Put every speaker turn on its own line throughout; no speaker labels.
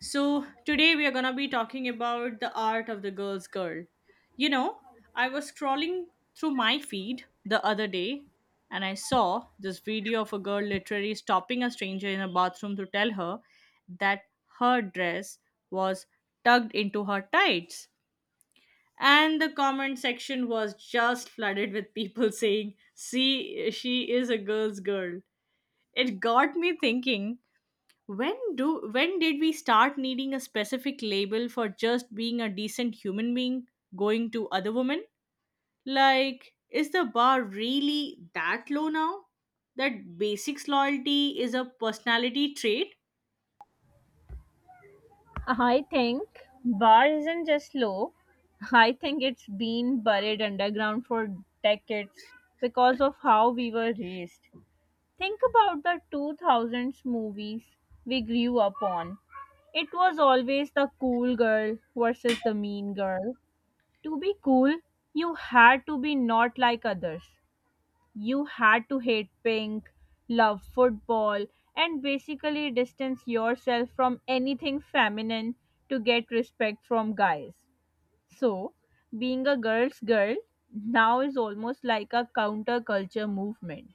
So, today we are going to be talking about the art of the girl's girl. You know, I was scrolling through my feed the other day and I saw this video of a girl literally stopping a stranger in a bathroom to tell her that her dress was tugged into her tights. And the comment section was just flooded with people saying, "See, she is a girl's girl." It got me thinking when did we start needing a specific label for just being a decent human being going to other women? Like, is the bar really that low now? That basics loyalty is a personality trait?
I think bar isn't just low. I think it's been buried underground for decades because of how we were raised. Think about the 2000s movies we grew up on. It was always the cool girl versus the mean girl. To be cool, you had to be not like others. You had to hate pink, love football, and basically distance yourself from anything feminine to get respect from guys. So, being a girl's girl now is almost like a counterculture movement.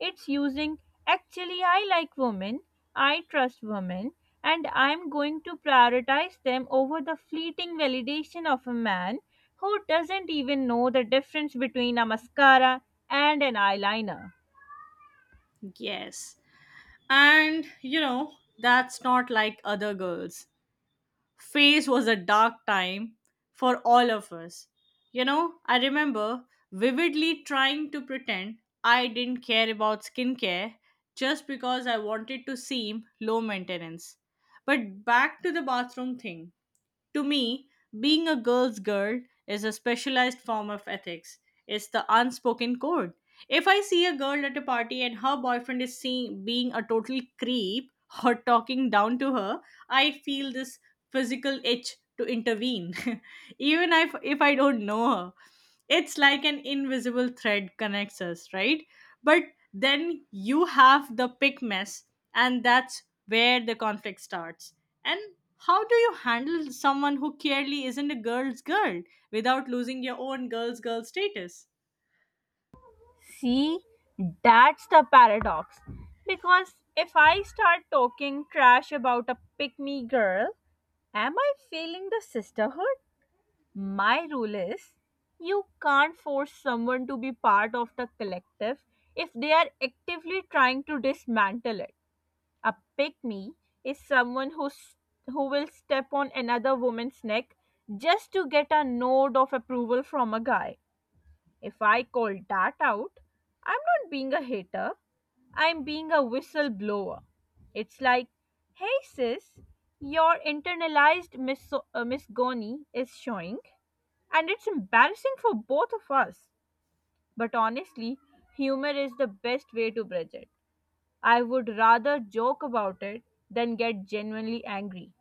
It's using actually I like women, I trust women, and I'm going to prioritize them over the fleeting validation of a man who doesn't even know the difference between a mascara and an eyeliner.
Yes. And you know, that's not like other girls phase was a dark time for all of us. You know, I remember vividly trying to pretend I didn't care about skincare just because I wanted to seem low maintenance. But back to the bathroom thing. To me, being a girl's girl is a specialized form of ethics. It's the unspoken code. If I see a girl at a party and her boyfriend is seeing, being a total creep or talking down to her, I feel this physical itch to intervene, even if I don't know her. It's like an invisible thread connects us, right? But then you have the pick mess, and that's where the conflict starts. And how do you handle someone who clearly isn't a girl's girl without losing your own girl's girl status?
See, that's the paradox. Because if I start talking trash about a pick me girl, am I failing the sisterhood? My rule is you can't force someone to be part of the collective if they are actively trying to dismantle it. A pick me is someone who will step on another woman's neck just to get a nod of approval from a guy. If I call that out, I'm not being a hater, I'm being a whistleblower. It's like, hey sis, your internalized misgony is showing, and it's embarrassing for both of us. But honestly, humor is the best way to bridge it. I would rather joke about it than get genuinely angry.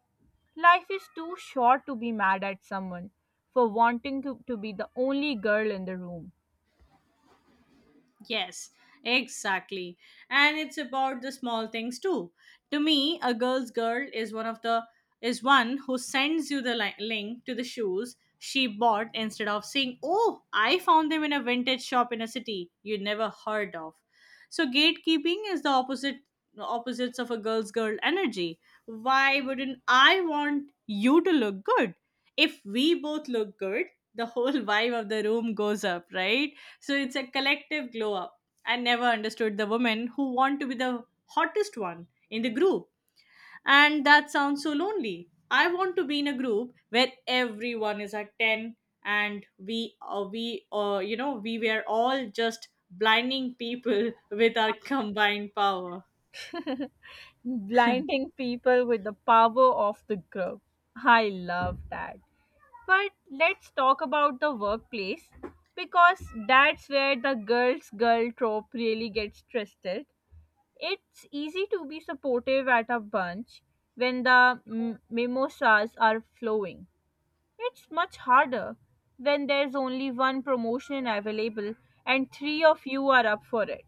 Life is too short to be mad at someone for wanting to be the only girl in the room.
Yes, exactly. And it's about the small things too. To me, a girl's girl is one of the is one who sends you the link to the shoes she bought instead of saying, "Oh, I found them in a vintage shop in a city you never heard of." So gatekeeping is the opposites of a girl's girl energy. Why wouldn't I want you to look good? If we both look good, the whole vibe of the room goes up, right? So it's a collective glow up. I never understood the women who want to be the hottest one in the group. And that sounds so lonely. I want to be in a group where everyone is at 10 and we we were all just blinding people with our combined power.
Blinding people with the power of the group. I love that. But let's talk about the workplace because that's where the girl's girl trope really gets twisted. It's easy to be supportive at a bunch when the mimosas are flowing. It's much harder when there's only one promotion available and three of you are up for it.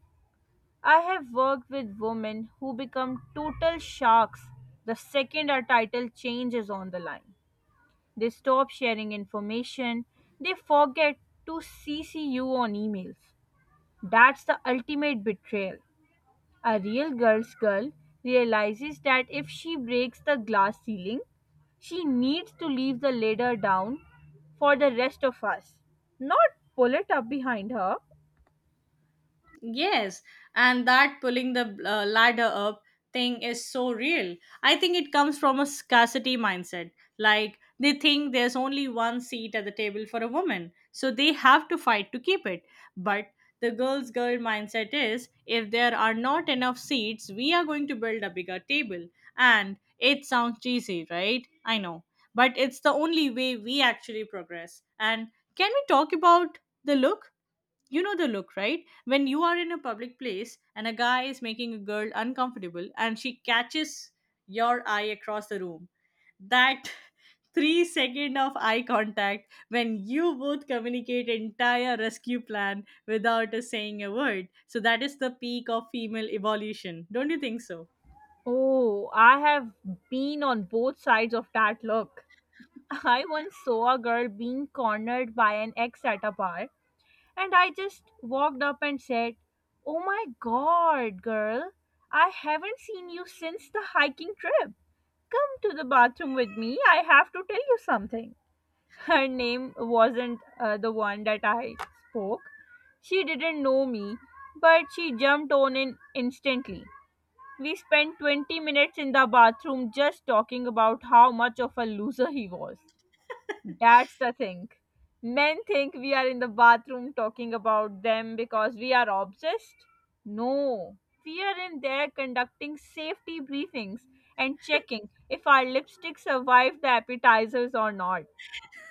I have worked with women who become total sharks the second a title change is on the line. They stop sharing information, they forget to CC you on emails. That's the ultimate betrayal. A real girl's girl realizes that if she breaks the glass ceiling, she needs to leave the ladder down for the rest of us, not pull it up behind her.
Yes, and that pulling the ladder up thing is so real. I think it comes from a scarcity mindset. Like, they think there's only one seat at the table for a woman, so they have to fight to keep it. But the girl's girl mindset is, if there are not enough seats, we are going to build a bigger table. And it sounds cheesy, right? I know. But it's the only way we actually progress. And can we talk about the look? You know the look, right? When you are in a public place and a guy is making a girl uncomfortable and she catches your eye across the room. That 3 second of eye contact when you both communicate entire rescue plan without us saying a word. So that is the peak of female evolution. Don't you think so?
Oh, I have been on both sides of that look. I once saw a girl being cornered by an ex at a bar, and I just walked up and said, "Oh my god, girl, I haven't seen you since the hiking trip. Come to the bathroom with me, I have to tell you something." Her name wasn't the one that I spoke. She didn't know me, but she jumped on in instantly. We spent 20 minutes in the bathroom just talking about how much of a loser he was. That's the thing. Men think we are in the bathroom talking about them because we are obsessed. No, we are in there conducting safety briefings and checking if our lipstick survived the appetizers or not.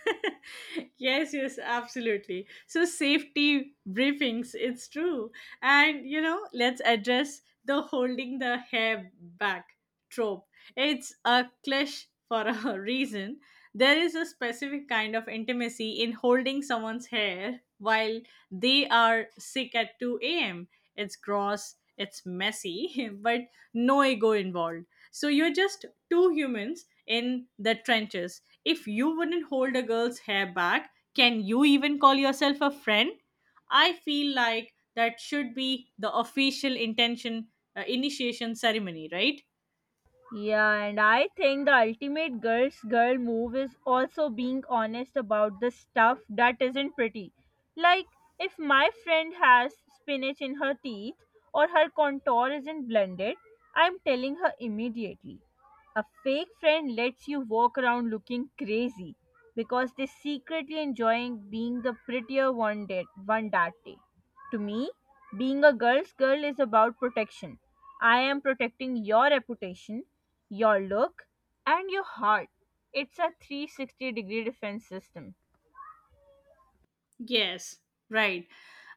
Yes, yes, absolutely. So, safety briefings, it's true. And, you know, let's address the holding the hair back trope. It's a clash for a reason. There is a specific kind of intimacy in holding someone's hair while they are sick at 2 a.m. It's gross, it's messy, but no ego involved. So, you're just two humans in the trenches. If you wouldn't hold a girl's hair back, can you even call yourself a friend? I feel like that should be the official intention initiation ceremony, right?
Yeah, and I think the ultimate girl's girl move is also being honest about the stuff that isn't pretty. Like, if my friend has spinach in her teeth or her contour isn't blended, I'm telling her immediately. A fake friend lets you walk around looking crazy because they're secretly enjoying being the prettier one, one that day. To me, being a girl's girl is about protection. I am protecting your reputation, your look, and your heart. It's a 360 degree defense system.
Yes, right.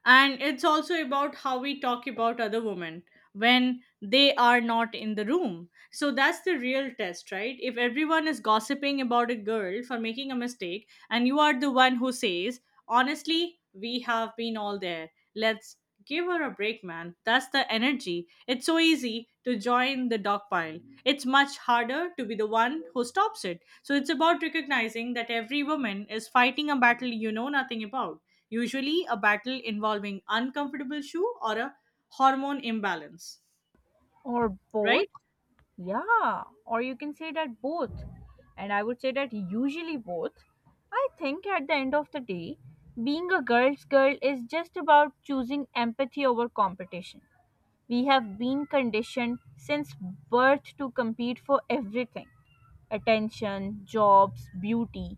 And it's also about how we talk about other women when they are not in the room. So that's the real test, right? If everyone is gossiping about a girl for making a mistake and you are the one who says, honestly, we have been all there. Let's give her a break, man. That's the energy. It's so easy to join the dog pile. It's much harder to be the one who stops it. So it's about recognizing that every woman is fighting a battle you know nothing about, usually a battle involving uncomfortable shoe or a hormone imbalance,
Or both.
right?
Yeah, or you can say that both. And I would say that usually both. I think at the end of the day, being a girl's girl is just about choosing empathy over competition. We have been conditioned since birth to compete for everything: attention, jobs, beauty.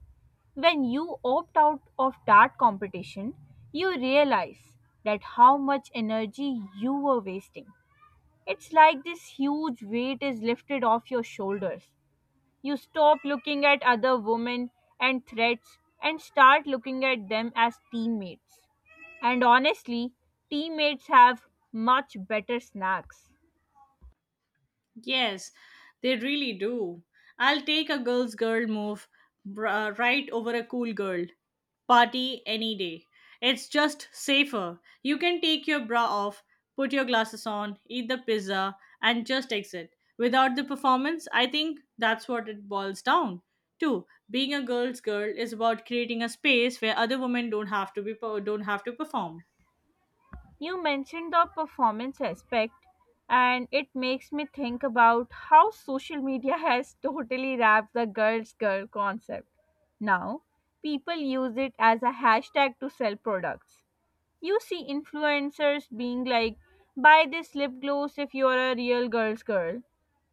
When you opt out of that competition, you realize that how much energy you were wasting. It's like this huge weight is lifted off your shoulders. You stop looking at other women and threats and start looking at them as teammates. And honestly, teammates have much better snacks.
Yes, they really do. I'll take a girl's girl move right over a cool girl party any day. It's just safer. You can take your bra off, put your glasses on, eat the pizza, and just exit. Without the performance, I think that's what it boils down to. Being a girl's girl is about creating a space where other women don't have to perform.
You mentioned the performance aspect, and it makes me think about how social media has totally wrapped the girl's girl concept. Now, people use it as a hashtag to sell products. You see influencers being like, buy this lip gloss if you're a real girl's girl.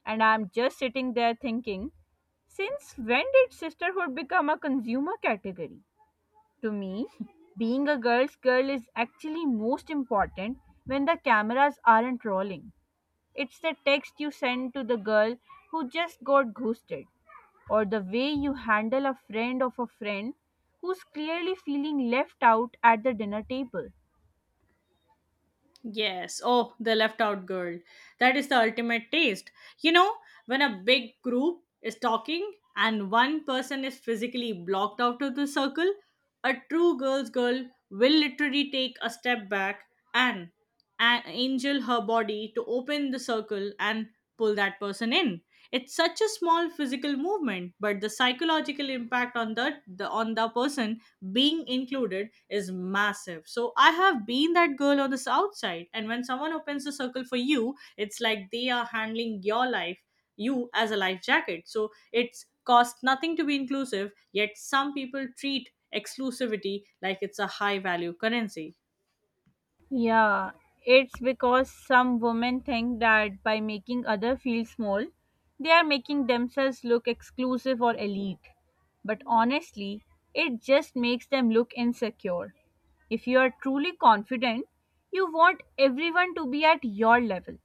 And I'm just sitting there thinking, since when did sisterhood become a consumer category? To me, being a girl's girl is actually most important when the cameras aren't rolling. It's the text you send to the girl who just got ghosted, or the way you handle a friend of a friend who's clearly feeling left out at the dinner table.
Yes. Oh, the left out girl. That is the ultimate taste. You know, when a big group is talking and one person is physically blocked out of the circle, a true girl's girl will literally take a step back and, and angel her body to open the circle and pull that person in. It's such a small physical movement, but the psychological impact on the on the person being included is massive. So I have been that girl on the south side, and when someone opens a circle for you, it's like they are handling your life, you as a life jacket. So it's cost nothing to be inclusive, yet some people treat exclusivity like it's a high value currency.
Yeah, it's because some women think that by making other feel small, they are making themselves look exclusive or elite. But honestly, it just makes them look insecure. If you are truly confident, you want everyone to be at your level.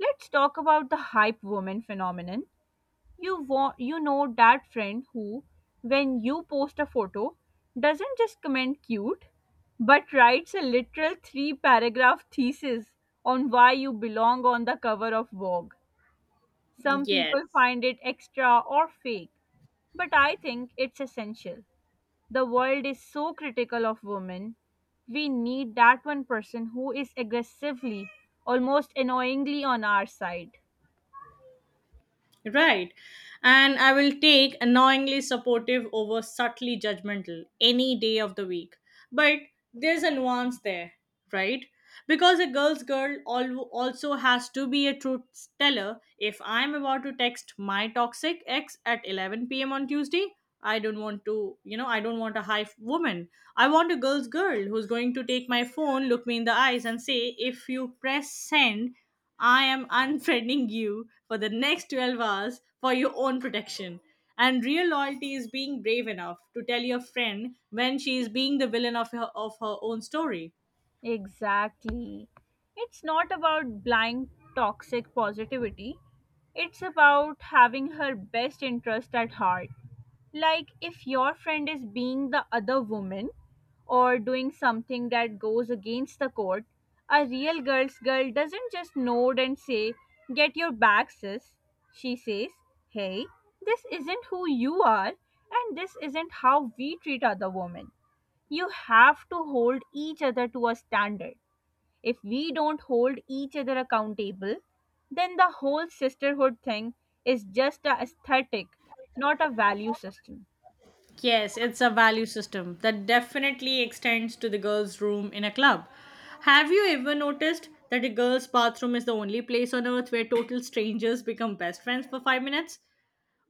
Let's talk about the hype woman phenomenon. You want, you know that friend who, when you post a photo, doesn't just comment cute but writes a literal three paragraph thesis on why you belong on the cover of Vogue. Some people
Yes.
find it extra or fake, but I think it's essential. The world is so critical of women. We need that one person who is aggressively, almost annoyingly on our side.
Right. And I will take annoyingly supportive over subtly judgmental any day of the week. But there's a nuance there, right? Because a girl's girl also has to be a truth teller. If I'm about to text my toxic ex at 11 p.m. on Tuesday, I don't want to, I don't want a woman. I want a girl's girl who's going to take my phone, look me in the eyes, and say, if you press send, I am unfriending you for the next 12 hours for your own protection. And real loyalty is being brave enough to tell your friend when she is being the villain of her own story.
Exactly. It's not about blind toxic positivity. It's about having her best interest at heart. Like if your friend is being the other woman or doing something that goes against the code, a real girl's girl doesn't just nod and say, "Get your back, sis." She says, "Hey, this isn't who you are, and this isn't how we treat other women." You have to hold each other to a standard. If we don't hold each other accountable, then the whole sisterhood thing is just a aesthetic, not a value system.
Yes, it's a value system that definitely extends to the girls' room in a club. Have you ever noticed that a girl's bathroom is the only place on earth where total strangers become best friends for 5 minutes?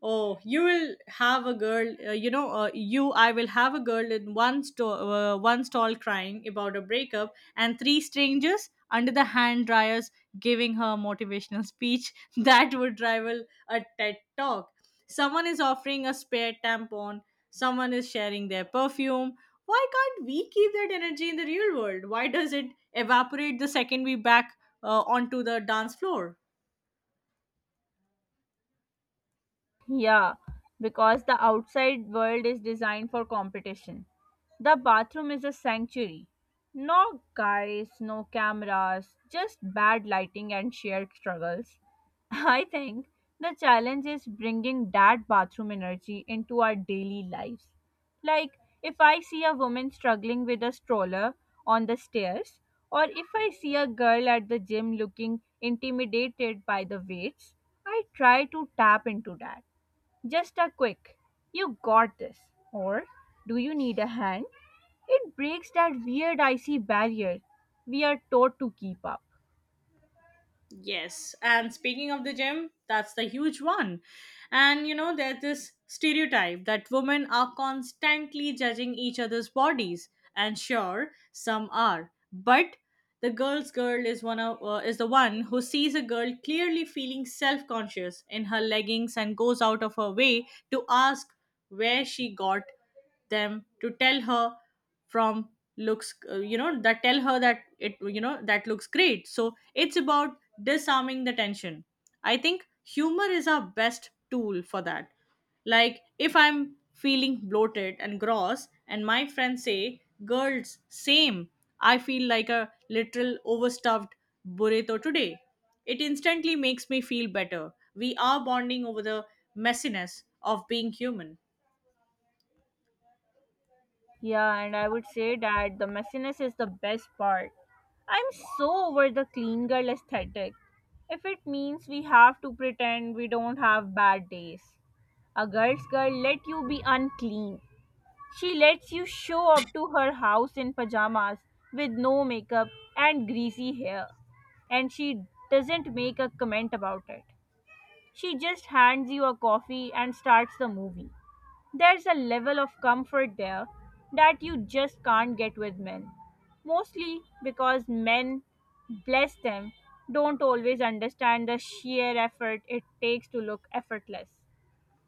Oh, you will have a girl. You know, you. I will have a girl in one stall crying about a breakup, and three strangers under the hand dryers giving her a motivational speech that would rival a TED talk. Someone is offering a spare tampon. Someone is sharing their perfume. Why can't we keep that energy in the real world? Why does it evaporate the second we back onto the dance floor?
Yeah, because the outside world is designed for competition. The bathroom is a sanctuary. No guys, no cameras, just bad lighting and shared struggles. I think the challenge is bringing that bathroom energy into our daily lives. Like, if I see a woman struggling with a stroller on the stairs, or if I see a girl at the gym looking intimidated by the weights, I try to tap into that. Just a quick, "you got this," or "do you need a hand?" It breaks that weird icy barrier we are taught to keep up.
Yes, and speaking of the gym, that's the huge one. And you know, there's this stereotype that women are constantly judging each other's bodies, and sure, some are. But the girl's girl is one of is the one who sees a girl clearly feeling self-conscious in her leggings and goes out of her way to ask where she got them, to tell her from looks you know that tell her that it you know that looks great. So it's about disarming the tension. I think humor is our best tool for that. Like, if I'm feeling bloated and gross and my friends say, girls, same, I feel like a literal overstuffed burrito today. It instantly makes me feel better. We are bonding over the messiness of being human.
Yeah, and I would say that the messiness is the best part. I'm so over the clean girl aesthetic. If it means we have to pretend we don't have bad days, a girl's girl let you be unclean. She lets you show up to her house in pajamas with no makeup and greasy hair, and she doesn't make a comment about it. She just hands you a coffee and starts the movie. There's a level of comfort there that you just can't get with men, mostly because men, bless them, don't always understand the sheer effort it takes to look effortless.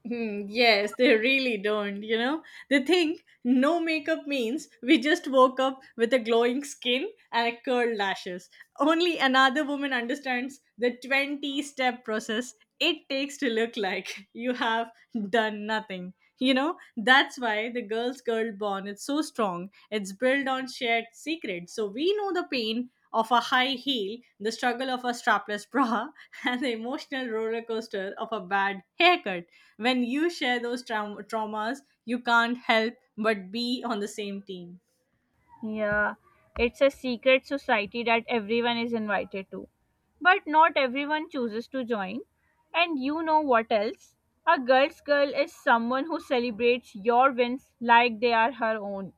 Hmm, yes, they really don't, you know? They think no makeup means we just woke up with a glowing skin and a curled lashes. Only another woman understands the 20 step process it takes to look like you have done nothing. You know, that's why the girl's girl bond is so strong. It's built on shared secrets. So we know the pain of a high heel, the struggle of a strapless bra, and the emotional roller coaster of a bad haircut. When you share those traumas, you can't help but be on the same team.
Yeah, it's a secret society that everyone is invited to. But not everyone chooses to join. And you know what else? A girl's girl is someone who celebrates your wins like they are her own.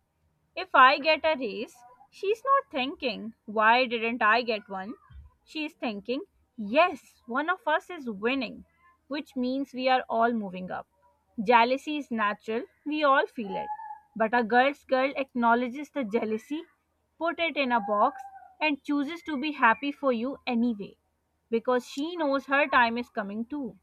If I get a raise, she's not thinking, why didn't I get one? She's thinking, yes, one of us is winning, which means we are all moving up. Jealousy is natural, we all feel it. But a girl's girl acknowledges the jealousy, put it in a box, and chooses to be happy for you anyway, because she knows her time is coming too.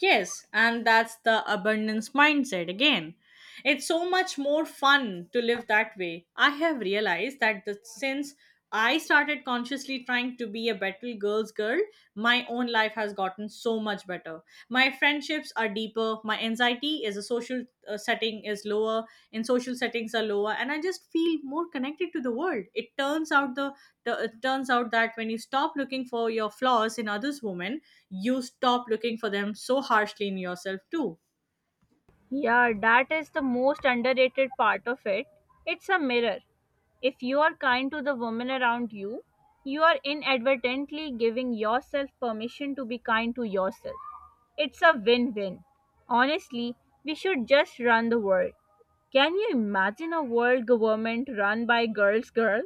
Yes, and that's the abundance mindset again. It's so much more fun to live that way. I have realized that since I started consciously trying to be a better girl's girl, my own life has gotten so much better. My friendships are deeper. My anxiety is a social setting is lower. In social settings are lower, and I just feel more connected to the world. It turns out that when you stop looking for your flaws in others, women, you stop looking for them so harshly in yourself too.
Yeah, that is the most underrated part of it. It's a mirror. If you are kind to the women around you, you are inadvertently giving yourself permission to be kind to yourself. It's a win win. Honestly, we should just run the world. Can you imagine a world government run by girls, girl?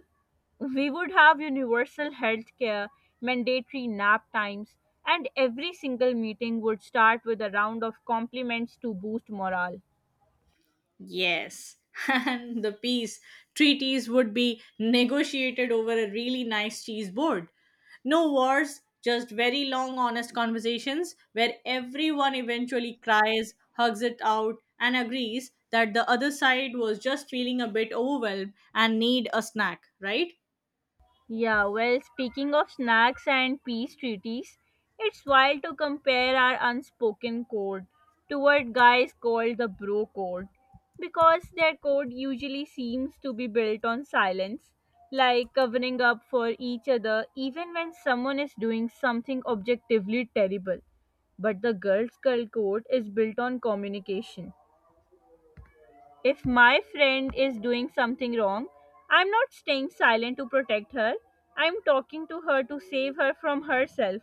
We would have universal health care, mandatory nap times, and every single meeting would start with a round of compliments to boost morale.
Yes, and the peace treaties would be negotiated over a really nice cheese board. No wars, just very long, honest conversations where everyone eventually cries, hugs it out, and agrees that the other side was just feeling a bit overwhelmed and need a snack, right?
Yeah, well, speaking of snacks and peace treaties, it's wild to compare our unspoken code to what guys call the bro code because their code usually seems to be built on silence, like covering up for each other even when someone is doing something objectively terrible. But the girls' girl code is built on communication. If my friend is doing something wrong, I'm not staying silent to protect her. I'm talking to her to save her from herself.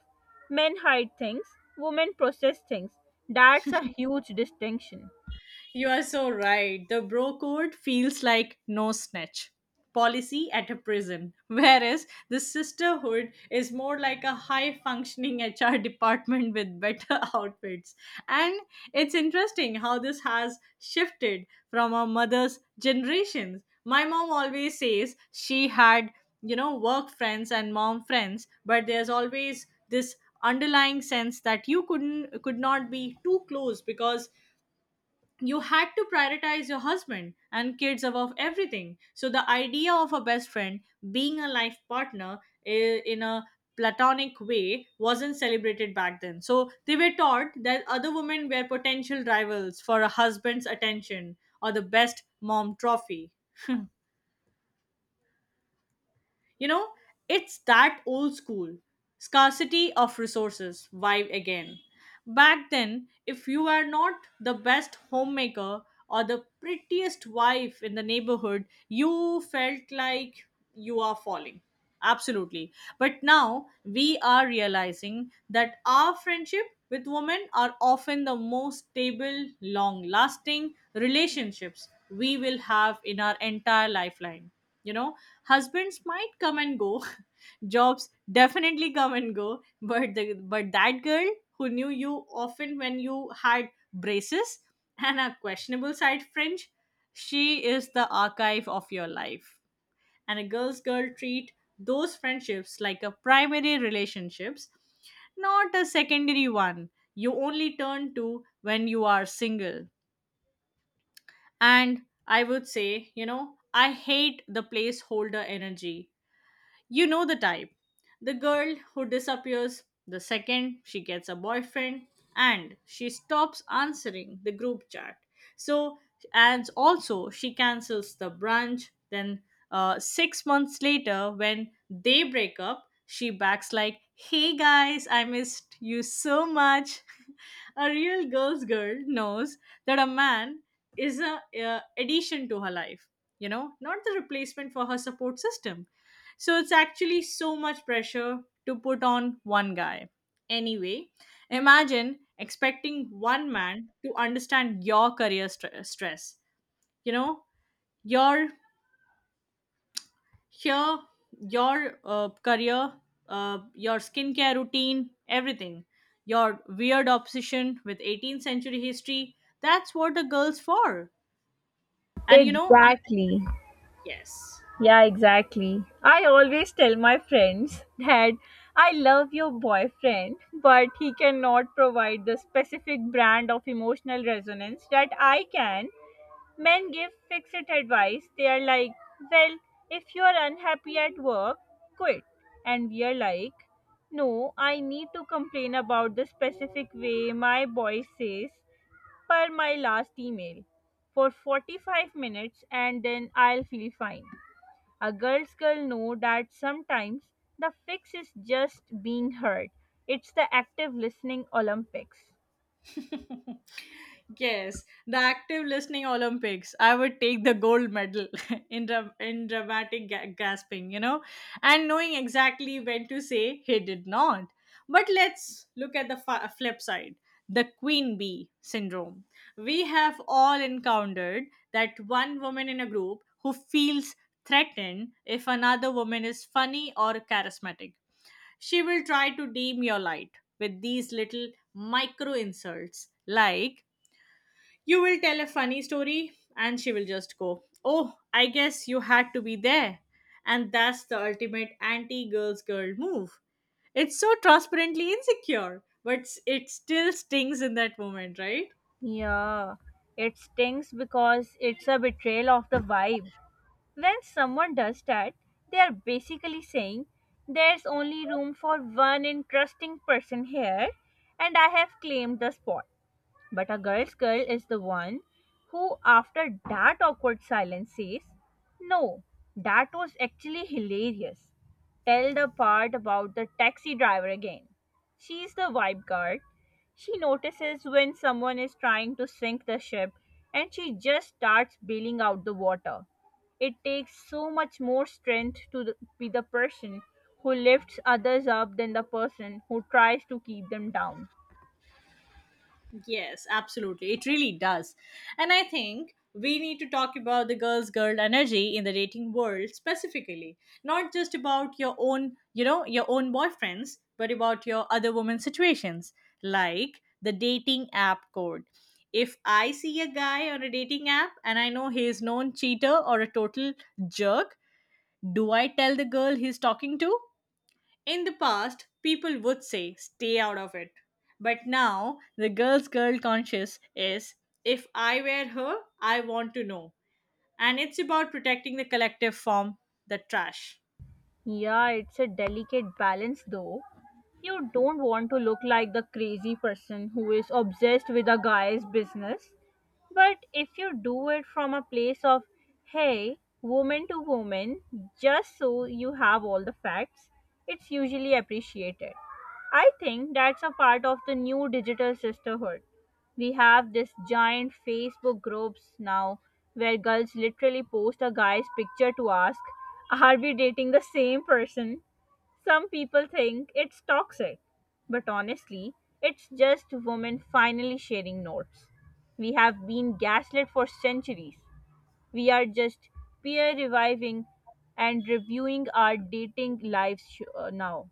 Men hide things, women process things. That's a huge distinction.
You are so right. The bro code feels like no snitch policy at a prison, whereas the sisterhood is more like a high functioning HR department with better outfits. And it's interesting how this has shifted from our mother's generations. My mom always says she had, work friends and mom friends, but there's always this underlying sense that you could not be too close because you had to prioritize your husband and kids above everything. So the idea of a best friend being a life partner in a platonic way wasn't celebrated back then. So they were taught that other women were potential rivals for a husband's attention or the best mom trophy. You know, it's that old school scarcity of resources vibe again. Back then, if you were not the best homemaker or the prettiest wife in the neighborhood, you felt like you are falling. Absolutely. But now we are realizing that our friendship with women are often the most stable, long lasting relationships we will have in our entire lifeline. You know, husbands might come and go, jobs definitely come and go, but that girl who knew you often when you had braces and a questionable side fringe, she is the archive of your life, and a girl's girl treat those friendships like a primary relationships, not a secondary one you only turn to when you are single. And I would say, I hate the placeholder energy, you know the type, the girl who disappears the second she gets a boyfriend and she stops answering the group chat. So, and also she cancels the brunch. Then, 6 months later, when they break up, she backs like, "Hey guys, I missed you so much." A real girl's girl knows that a man is a, addition to her life, you know, not the replacement for her support system. So it's actually so much pressure to put on one guy. Anyway, imagine expecting one man to understand your career stress. You know, your here, your career, your skincare routine, everything. Your weird obsession with 18th century history. That's what a girl's for. And you know, I
Exactly.
Yes.
Yeah, exactly. I always tell my friends that I love your boyfriend, but he cannot provide the specific brand of emotional resonance that I can. Men give fixed advice. They are like, well, if you are unhappy at work, quit. And we are like, no, I need to complain about the specific way my boss says "per my last email" for 45 minutes and then I'll feel fine. A girl's girl know that sometimes the fix is just being heard. It's the active listening Olympics.
Yes, the active listening Olympics. I would take the gold medal in, dramatic gasping, you know, and knowing exactly when to say he did not. But let's look at the flip side, the queen bee syndrome. We have all encountered that one woman in a group who feels threatened if another woman is funny or charismatic. She will try to dim your light with these little micro insults. Like, you will tell a funny story and she will just go, "Oh, I guess you had to be there." And that's the ultimate anti-girls girl move. It's so transparently insecure, but it still stings in that moment, right?
Yeah, it stings because it's a betrayal of the vibe. When someone does that, they are basically saying, "There's only room for one interesting person here, and I have claimed the spot." But a girl's girl is the one who, after that awkward silence, says, "No, that was actually hilarious. Tell the part about the taxi driver again." She's the vibe guard. She notices when someone is trying to sink the ship and she just starts bailing out the water. It takes so much more strength to be the person who lifts others up than the person who tries to keep them down.
Yes, absolutely. It really does. And I think we need to talk about the girls girl energy in the dating world specifically, not just about your own, you know, your own boyfriends, but about your other women's situations, like the dating app code. If I see a guy on a dating app and I know he is known cheater or a total jerk, do I tell the girl he's talking to? In the past, people would say, stay out of it. But now, the girl's girl conscious is, if I wear her, I want to know. And it's about protecting the collective from the trash.
Yeah, it's a delicate balance though. You don't want to look like the crazy person who is obsessed with a guy's business. But if you do it from a place of, hey, woman to woman, just so you have all the facts, it's usually appreciated. I think that's a part of the new digital sisterhood. We have this giant Facebook groups now where girls literally post a guy's picture to ask, "Are we dating the same person?" Some people think it's toxic, but honestly, it's just women finally sharing notes. We have been gaslit for centuries. We are just peer reviving and reviewing our dating lives now.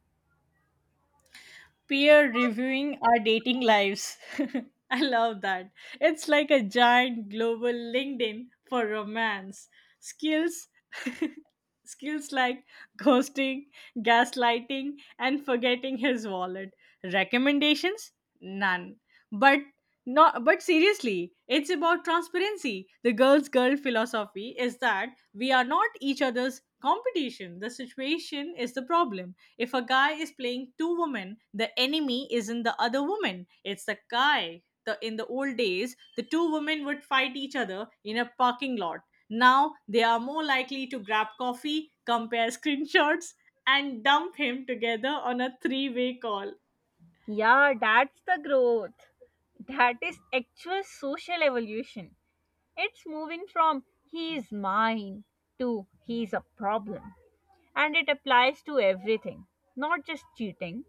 Peer reviewing our dating lives. I love that. It's like a giant global LinkedIn for romance. Skills. Skills like ghosting, gaslighting, and forgetting his wallet. Recommendations? None. But not but seriously, it's about transparency. The girl's girl philosophy is that we are not each other's competition. The situation is the problem. If a guy is playing two women, the enemy isn't the other woman, it's the guy. In the old days, the two women would fight each other in a parking lot. Now they are more likely to grab coffee, compare screenshots, and dump him together on a three-way call.
Yeah, that's the growth. That is actual social evolution. It's moving from "he is mine" to "he is a problem." And it applies to everything, not just cheating.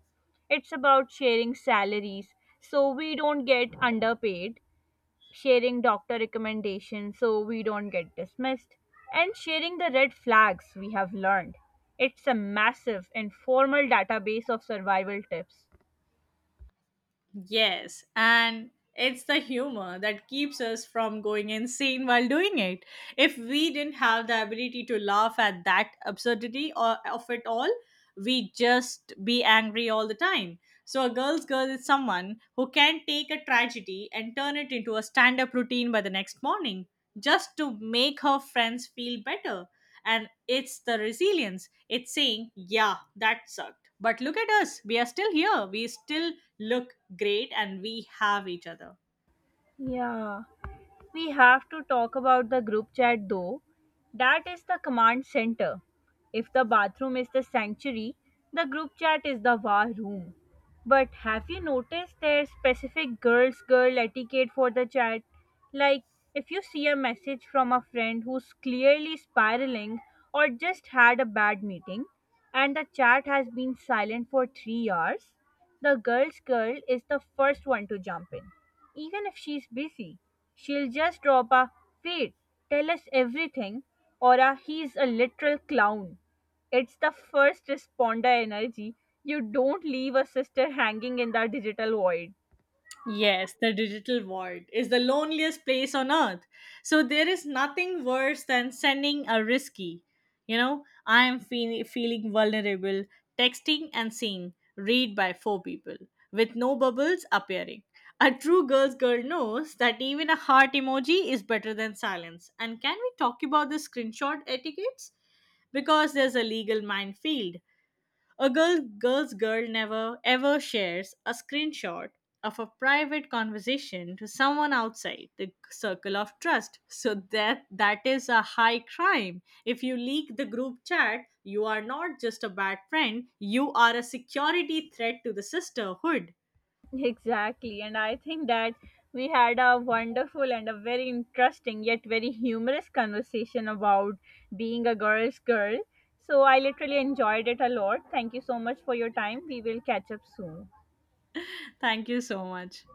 It's about sharing salaries so we don't get underpaid, sharing doctor recommendations so we don't get dismissed, and sharing the red flags we have learned. It's a massive informal database of survival tips.
Yes, and it's the humor that keeps us from going insane while doing it. If we didn't have the ability to laugh at that absurdity or of it all, we just be angry all the time. So a girl's girl is someone who can take a tragedy and turn it into a stand-up routine by the next morning, just to make her friends feel better. And it's the resilience, it's saying, yeah, that sucked, but look at us, we are still here, we still look great, and we have each other.
Yeah. We have to talk about the group chat though. That is the command center. If the bathroom is the sanctuary, the group chat is the war room. But have you noticed there's specific girls girl etiquette for the chat? Like if you see a message from a friend who's clearly spiraling or just had a bad meeting and the chat has been silent for 3 hours, the girl's girl is the first one to jump in. Even if she's busy, she'll just drop a "wait, tell us everything," or a "he's a literal clown." It's the first responder energy. You don't leave a sister hanging in the digital void.
Yes, the digital void is the loneliest place on earth. So there is nothing worse than sending a risky. You know, I am feeling vulnerable, texting and seeing read by four people with no bubbles appearing. A true girl's girl knows that even a heart emoji is better than silence. And can we talk about the screenshot etiquettes? Because there's a legal minefield. A girl's girl never ever shares a screenshot of a private conversation to someone outside the circle of trust. So that is a high crime. If you leak the group chat, you are not just a bad friend, you are a security threat to the sisterhood.
Exactly, and I think that we had a wonderful and a very interesting yet very humorous conversation about being a girl's girl. So I literally enjoyed it a lot. Thank you so much for your time. We will catch up soon.
Thank you so much.